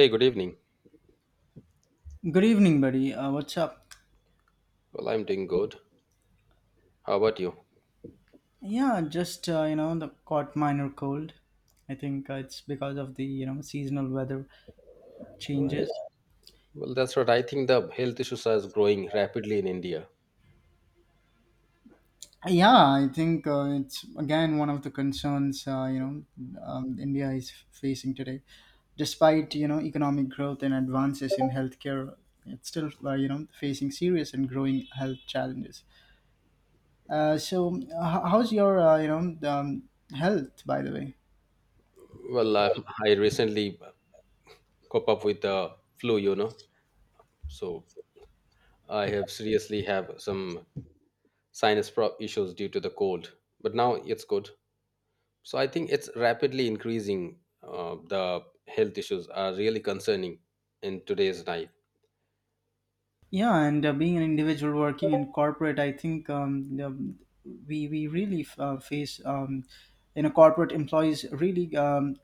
Hey, good evening. Good evening, buddy. What's up? Well, I'm doing good. How about you? Yeah, just the caught minor cold. I think it's because of the seasonal weather Right. changes. Well, that's what I think the health issues are growing rapidly in India. Yeah, I think it's again one of the concerns India is facing today. Despite economic growth and advances in healthcare, it's still facing serious and growing health challenges. So, how's your health, by the way? Well, I recently cop up with the flu, you know. So I have seriously have some issues due to the cold. But now it's good. So I think it's rapidly increasing. The health issues are really concerning in today's life. Yeah, and being an individual working in corporate, I think we really face, corporate employees really um,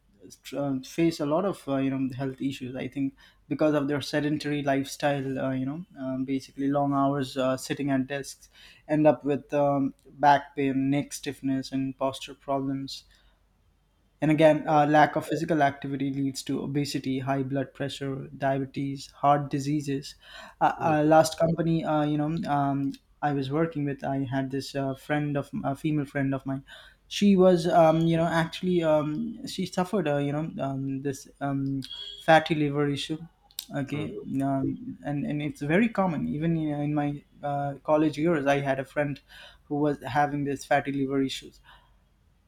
tr- uh, face a lot of health issues, I think, because of their sedentary lifestyle, basically long hours sitting at desks, end up with back pain, neck stiffness, and posture problems. And again, lack of physical activity leads to obesity, high blood pressure, diabetes, heart diseases. Last company, I was working with, I had this friend, of a female friend of mine. She was, actually, she suffered, this fatty liver issue. Okay, Mhm. And it's very common. Even in my college years, I had a friend who was having this fatty liver issue.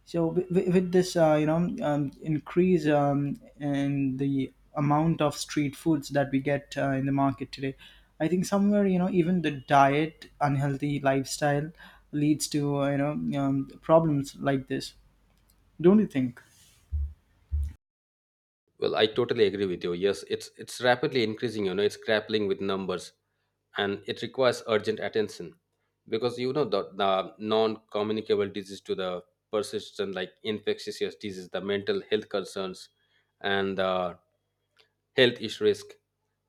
So with this, increase in the amount of street foods that we get in the market today, I think somewhere, even the diet, unhealthy lifestyle leads to, problems like this. Don't you think? Well, I totally agree with you. Yes, it's rapidly increasing, you know, it's grappling with numbers and it requires urgent attention because you know the non-communicable disease to the persistent like infectious disease, the mental health concerns and the health issue risk.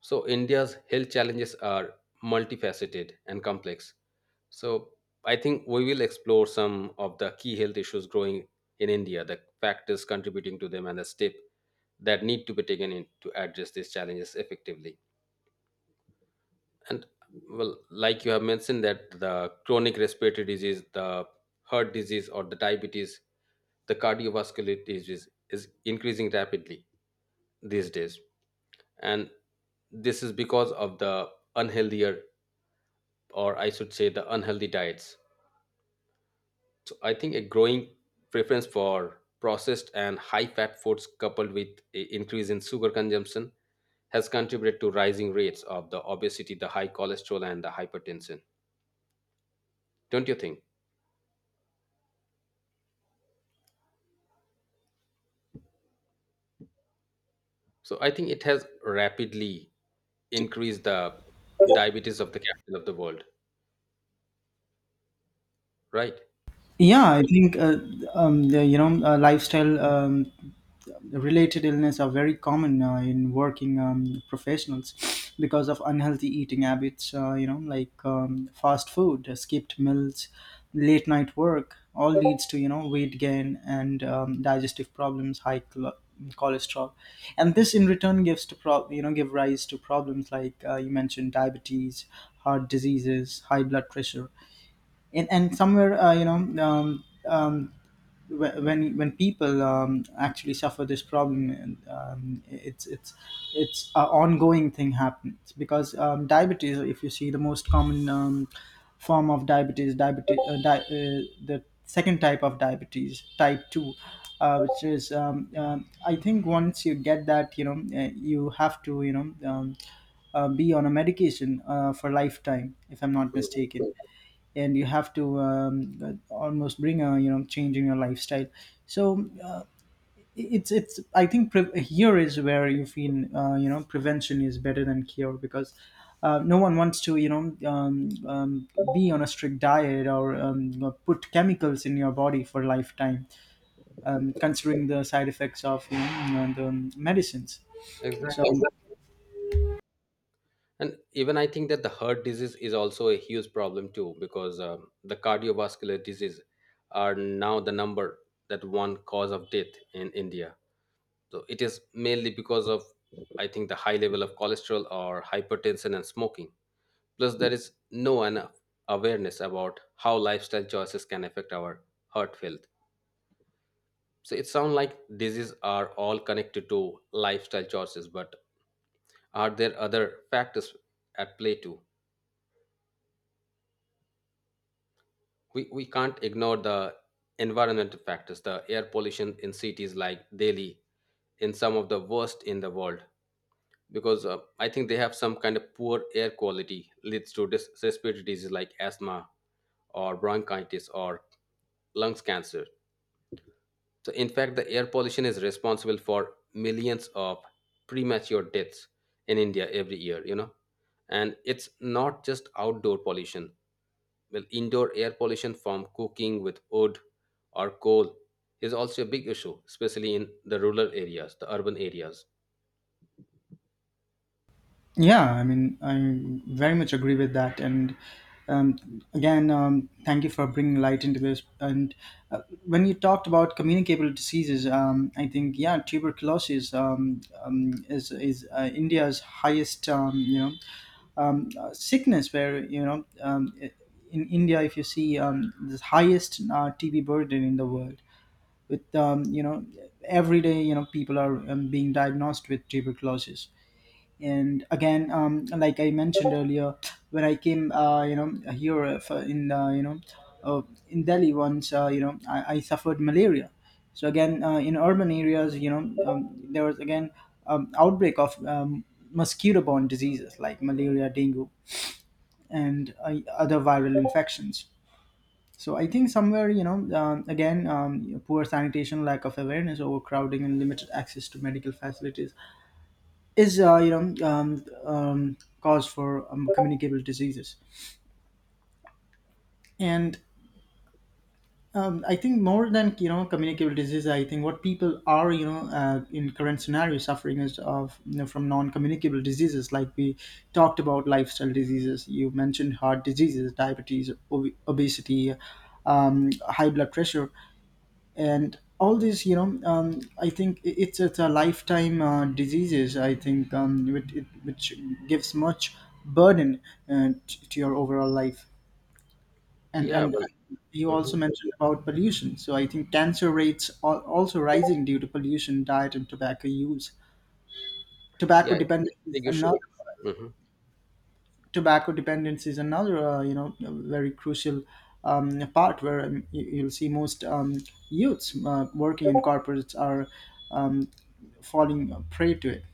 So India's health challenges are multifaceted and complex. So I think we will explore some of the key health issues growing in India, the factors contributing to them and the step that need to be taken in to address these challenges effectively and well like you have mentioned that the chronic respiratory disease the heart disease or the diabetes the cardiovascular disease is increasing rapidly these days and this is because of the unhealthier or I should say the unhealthy diets. So I think a growing preference for processed and high-fat foods coupled with an increase in sugar consumption has contributed to rising rates of the obesity, the high cholesterol and the hypertension. Don't you think? So I think it has rapidly increased the diabetes of the capital of the world, right? Yeah, I think the, lifestyle related illness are very common in working professionals, because of unhealthy eating habits, like fast food, skipped meals, late night work, all leads to weight gain and digestive problems, high cholesterol, and this in return gives to give rise to problems like, you mentioned, diabetes, heart diseases, high blood pressure, and somewhere, um, um, when people actually suffer this problem. And, it's an ongoing thing happens, because diabetes, if you see, the most common form of diabetes, the second type of diabetes, type 2, which is, I think, once you get that, you have to, be on a medication for lifetime, if I'm not Mhm. mistaken. And you have to almost bring a change in your lifestyle. So it's I think pre- here is where you feel prevention is better than cure, because no one wants to, be on a strict diet or put chemicals in your body for lifetime, considering the side effects of the medicines. So Exactly. And even I think that the heart disease is also a huge problem too, because the cardiovascular disease are now the number that one cause of death in India. So it is mainly because of, I think, the high level of cholesterol or hypertension and smoking. Plus, there is no enough awareness about how lifestyle choices can affect our heart health. So it sounds like diseases are all connected to lifestyle choices, but are there other factors at play too? We can't ignore the environmental factors, the air pollution in cities like Delhi in some of the worst in the world, because I think they have some kind of poor air quality leads to respiratory diseases like asthma or bronchitis or lungs cancer. So, in fact, the air pollution is responsible for millions of premature deaths in India every year, you know. And it's not just outdoor pollution. Well, indoor air pollution from cooking with wood or coal is also a big issue, especially in the rural areas, the urban areas. Yeah, I mean, I very much agree with that. And um, again, thank you for bringing light into this. And uh, when you talked about communicable diseases, I think, yeah, tuberculosis is India's highest sickness. Where, in India, if you see, the highest TB burden in the world, with every day, people are being diagnosed with tuberculosis. And again, like I mentioned earlier, when I came, here uh, in Delhi once, I suffered malaria. So again, in urban areas, there was again outbreak of mosquito-borne diseases like malaria, dengue, and other viral infections. So I think somewhere, again, poor sanitation, lack of awareness, overcrowding, and limited access to medical facilities is cause for communicable diseases. And I think, more than communicable disease, I think what people are, in current scenario, suffering is of, from non-communicable diseases, like we talked about, lifestyle diseases you mentioned: heart diseases, diabetes, obesity, high blood pressure, and all these, I think it's a lifetime diseases, I think, which, which gives much burden to your overall life. and Yeah, and well, you mhm. also mentioned about pollution, so I think cancer rates are also rising due to pollution, diet, and tobacco use. tobacco Yeah, dependence it's a is big another issue. Mhm. Tobacco dependence is another, very crucial, part where you'll see most youths working in corporates are um, falling prey to it.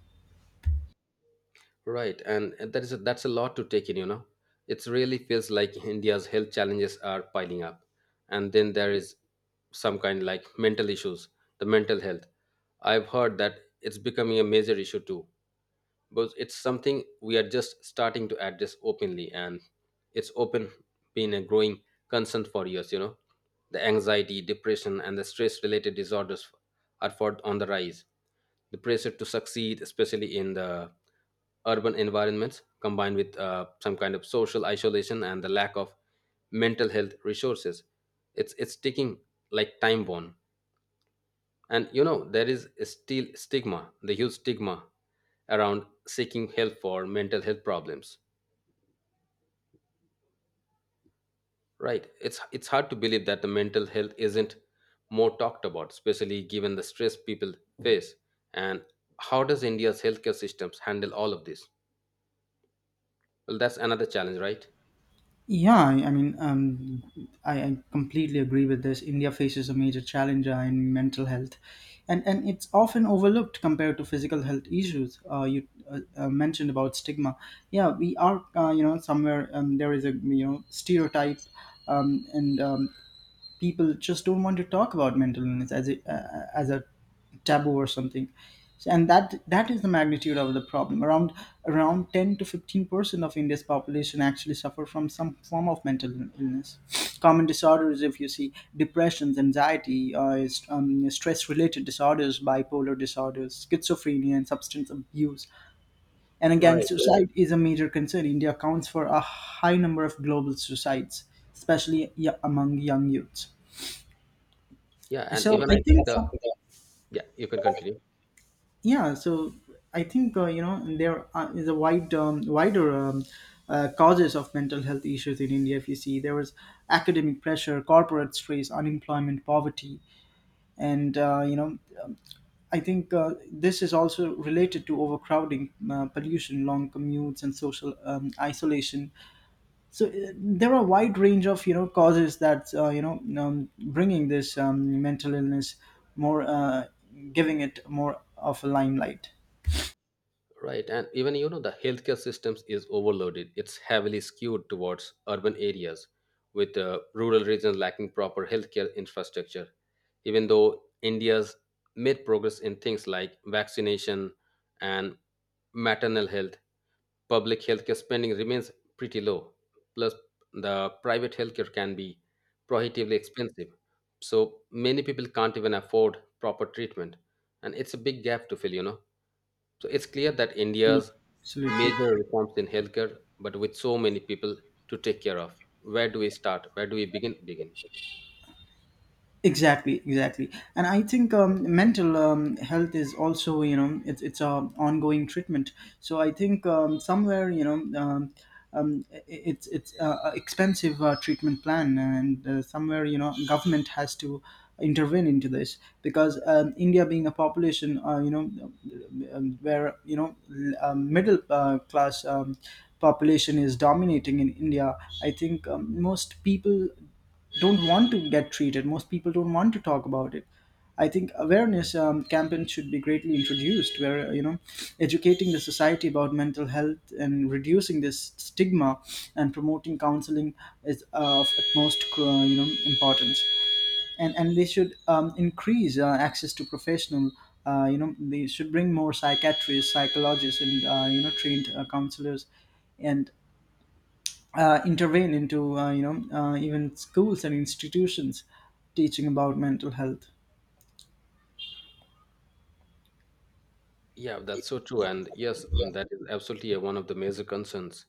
Right, and that is a, that's a lot to take in. You know, it really feels like India's health challenges are piling up, and then there is some kind like mental issues, the mental health. I've heard that it's becoming a major issue too, but it's something we are just starting to address openly and it's open been a growing concern for years, you know, the anxiety depression and the stress related disorders are for on the rise. The pressure to succeed, especially in the urban environments, combined with some kind of social isolation and the lack of mental health resources, it's taking like time bomb. And you know, there is still stigma, the huge stigma around seeking help for mental health problems. Right? It's hard to believe that the mental health isn't more talked about, especially given the stress people face. And how does India's healthcare systems handle all of this? Well, that's another challenge, right? Yeah, I mean, I completely agree with this. India faces a major challenge in mental health, and it's often overlooked compared to physical health issues. You mentioned about stigma. Yeah, we are, somewhere, there is a, stereotype, and people just don't want to talk about mental illness as a taboo or something. And that is the magnitude of the problem, around 10 to 15% of India's population actually suffer from some form of mental illness. Common disorders, if you see: depressions, anxiety, stress related disorders, bipolar disorders, schizophrenia, and substance abuse. And again, Right. suicide is a major concern. India accounts for a high number of global suicides, especially among young youths. Yeah, and So even I I think, think the yeah, you can continue. yeah. So I think, there are, is a wide, wider, causes of mental health issues in India. If you see, there was academic pressure, corporate stress, unemployment, poverty, and I think this is also related to overcrowding, pollution, long commutes, and social isolation. So there are a wide range of, causes that, bringing this mental illness more, giving it more of a limelight. Right, and even you know the healthcare systems is overloaded. It's heavily skewed towards urban areas, with rural regions lacking proper healthcare infrastructure. Even though India's made progress in things like vaccination and maternal health, public healthcare spending remains pretty low. Plus, the private healthcare can be prohibitively expensive, so many people can't even afford proper treatment, and it's a big gap to fill. You know. So it's clear that India's Absolutely. major reforms in healthcare, but with so many people to take care of. Where do we start? Where do we begin? Begin. Exactly, exactly. And I think mental health is also, it's a ongoing treatment. So I think somewhere, it's a expensive treatment plan, and somewhere, government has to intervene into this. Because India being a population, where, middle class population is dominating in India. I think most people don't want to get treated. Most people don't want to talk about it. I think awareness campaigns should be greatly introduced, where educating the society about mental health and reducing this stigma and promoting counseling is of utmost importance. And they should increase access to professional. They should bring more psychiatrists, psychologists, and trained counselors, and intervene into, even schools and institutions, teaching about mental health. Yeah, that's so true. And yes, mm, that is absolutely one of the major concerns.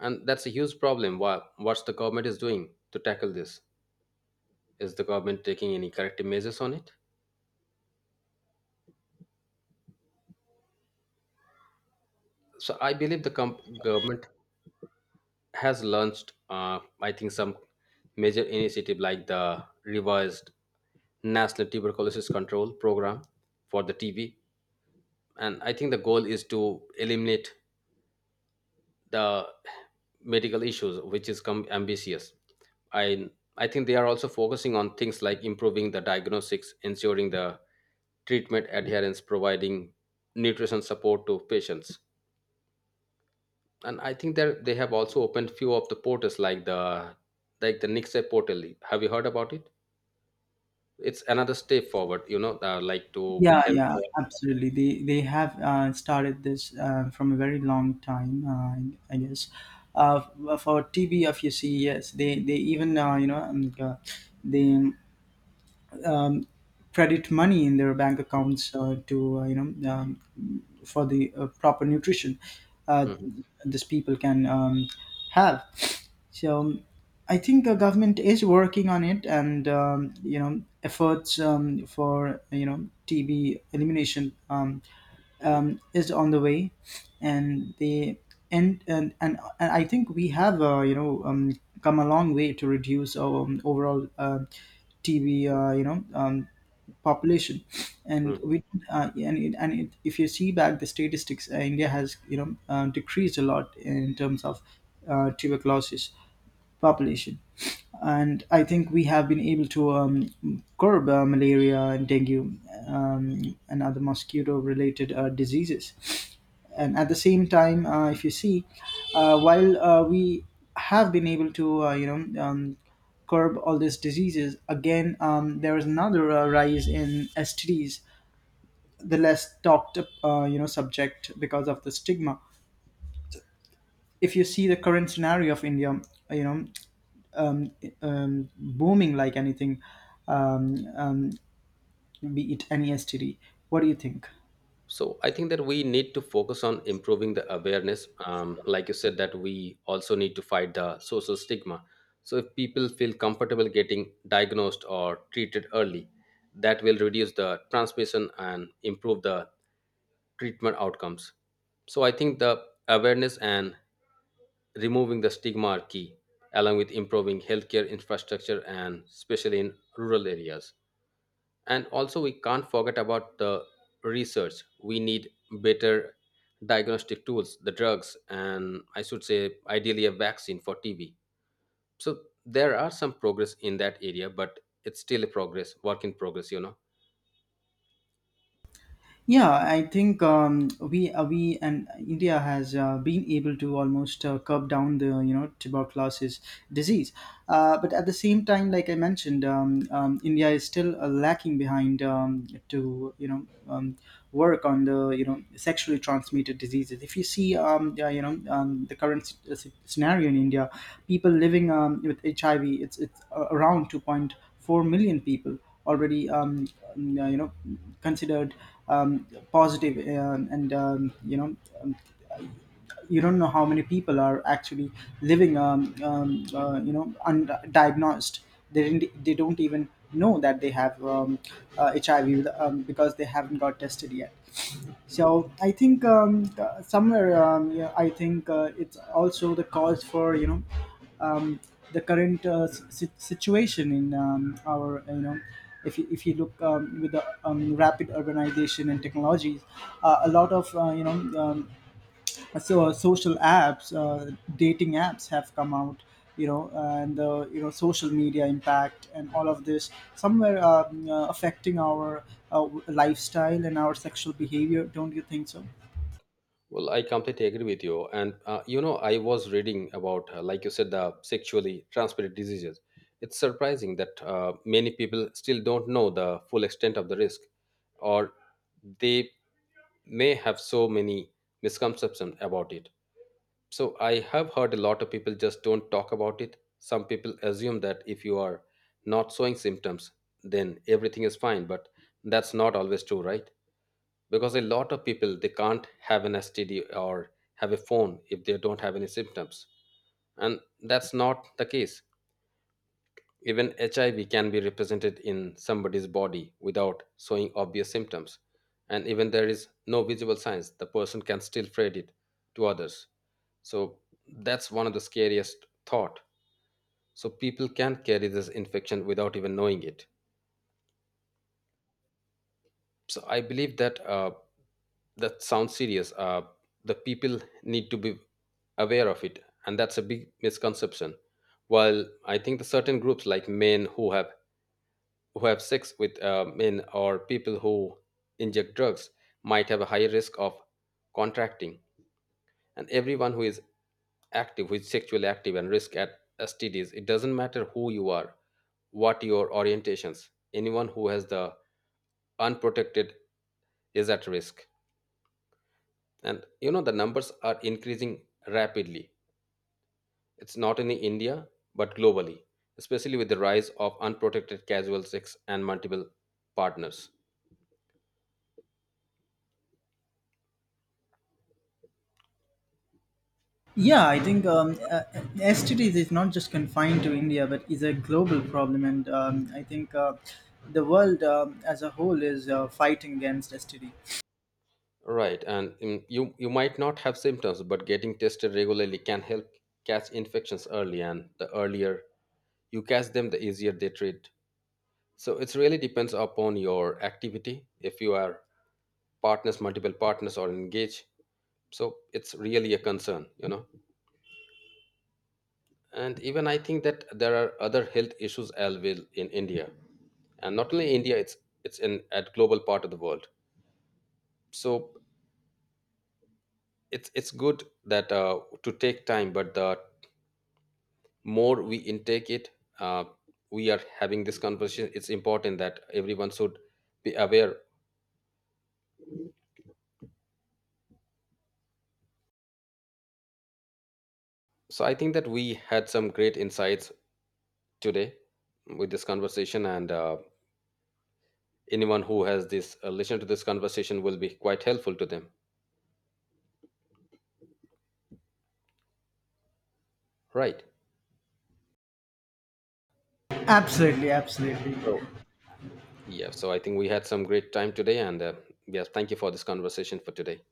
And that's a huge problem. Why, what's the government is doing to tackle this? Is the government taking any corrective measures on it? So I believe the government has launched, I think, some major initiative like the revised National Tuberculosis Control Program for the TB. And I think the goal is to eliminate the medical issues, which is ambitious. I I think they are also focusing on things like improving the diagnostics, ensuring the treatment adherence, providing nutrition support to patients, and I think that they have also opened few of the portals like the Nixay portal. Have you heard about it? It's another step forward, you know, like to Yeah, help. yeah, absolutely. They have started this from a very long time, I guess. Uh, for tbf, you see, yes, they even, they credit money in their bank accounts, to, for the proper nutrition uh, Mhm, these people can have. So, I think the government is working on it, and efforts for, TB elimination, is on the way, and the and I think we have come a long way to reduce our overall TB population, and mhm. we, if you see back the statistics, India has, decreased a lot in terms of tuberculosis population. And I think we have been able to curb malaria and dengue, and other mosquito related diseases. And at the same time, if you see, while we have been able to, curb all these diseases, again, there is another rise in STDs, the less talked, subject, because of the stigma. If you see the current scenario of India, you know, um, booming like anything, um, um, be it any STD. What do you think? So I think that we need to focus on improving the awareness. Like you said, that we also need to fight the social stigma. So if people feel comfortable getting diagnosed or treated early, that will reduce the transmission and improve the treatment outcomes. So I think the awareness and removing the stigma are key, along with improving healthcare infrastructure and especially in rural areas. And also, we can't forget about the research. We need better diagnostic tools, the drugs, and I should say, ideally, a vaccine for TB. So there are some progress in that area, but it's still a progress, work in progress, you know. Yeah, I think we and India has been able to almost curb down the, tuberculosis disease, but at the same time, like I mentioned, India is still lacking behind, to, work on the, sexually transmitted diseases. If you see, yeah, the current scenario in India, people living with HIV, it's around 2.4 million people already, n- you know considered positive, and um, you don't know how many people are actually living, undiagnosed. They don't even know that they have, HIV, because they haven't got tested yet. So I think somewhere, yeah, I think it's also the cause for, um, the current situation in, our. If you look, with the, rapid urbanization and technologies, a lot of, um, social apps, dating apps have come out, you know and social media impact and all of this somewhere, affecting our lifestyle and our sexual behavior, don't you think so? Well, I completely agree with you. And, you know, I was reading about, like you said, the sexually transmitted diseases. It's surprising that many people still don't know the full extent of the risk, or they may have so many misconceptions about it. So, I have heard a lot of people just don't talk about it. Some people assume that if you are not showing symptoms, then everything is fine, but that's not always true, right? Because a lot of people they can't have an std or have a phone if they don't have any symptoms, and that's not the case. Even hiv can be represented in somebody's body without showing obvious symptoms, and even there is no visible signs, the person can still spread it to others. So that's one of the scariest thought, so people can carry this infection without even knowing it. So I believe that that sounds serious. The people need to be aware of it, and that's a big misconception. While I think the certain groups like men who have sex with men or people who inject drugs might have a higher risk of contracting, and everyone who is active, who is sexually active, and risk at STDs, it doesn't matter who you are, what your orientations. Anyone who has the unprotected is at risk. And you know, the numbers are increasing rapidly. It's not in India, but globally, especially with the rise of unprotected casual sex and multiple partners. Yeah, I think uh, STDs is not just confined to India, but is a global problem. And I think the world, as a whole, is fighting against STD. Right, and mm, you might not have symptoms, but getting tested regularly can help catch infections early, and the earlier you catch them, the easier they treat. So it really depends upon your activity. If you are partners, multiple partners, or engaged, so it's really a concern, you know. And even I think that there are other health issues as well in India, and not only India, it's in at global part of the world. So it's good that to take time, but the more we intake it, uh, we are having this conversation. It's important that everyone should be aware. So I think that we had some great insights today with this conversation, and anyone who has this listened to this conversation will be quite helpful to them, right? Absolutely, absolutely. So yeah, so I think we had some great time today, and yeah, thank you for this conversation for today.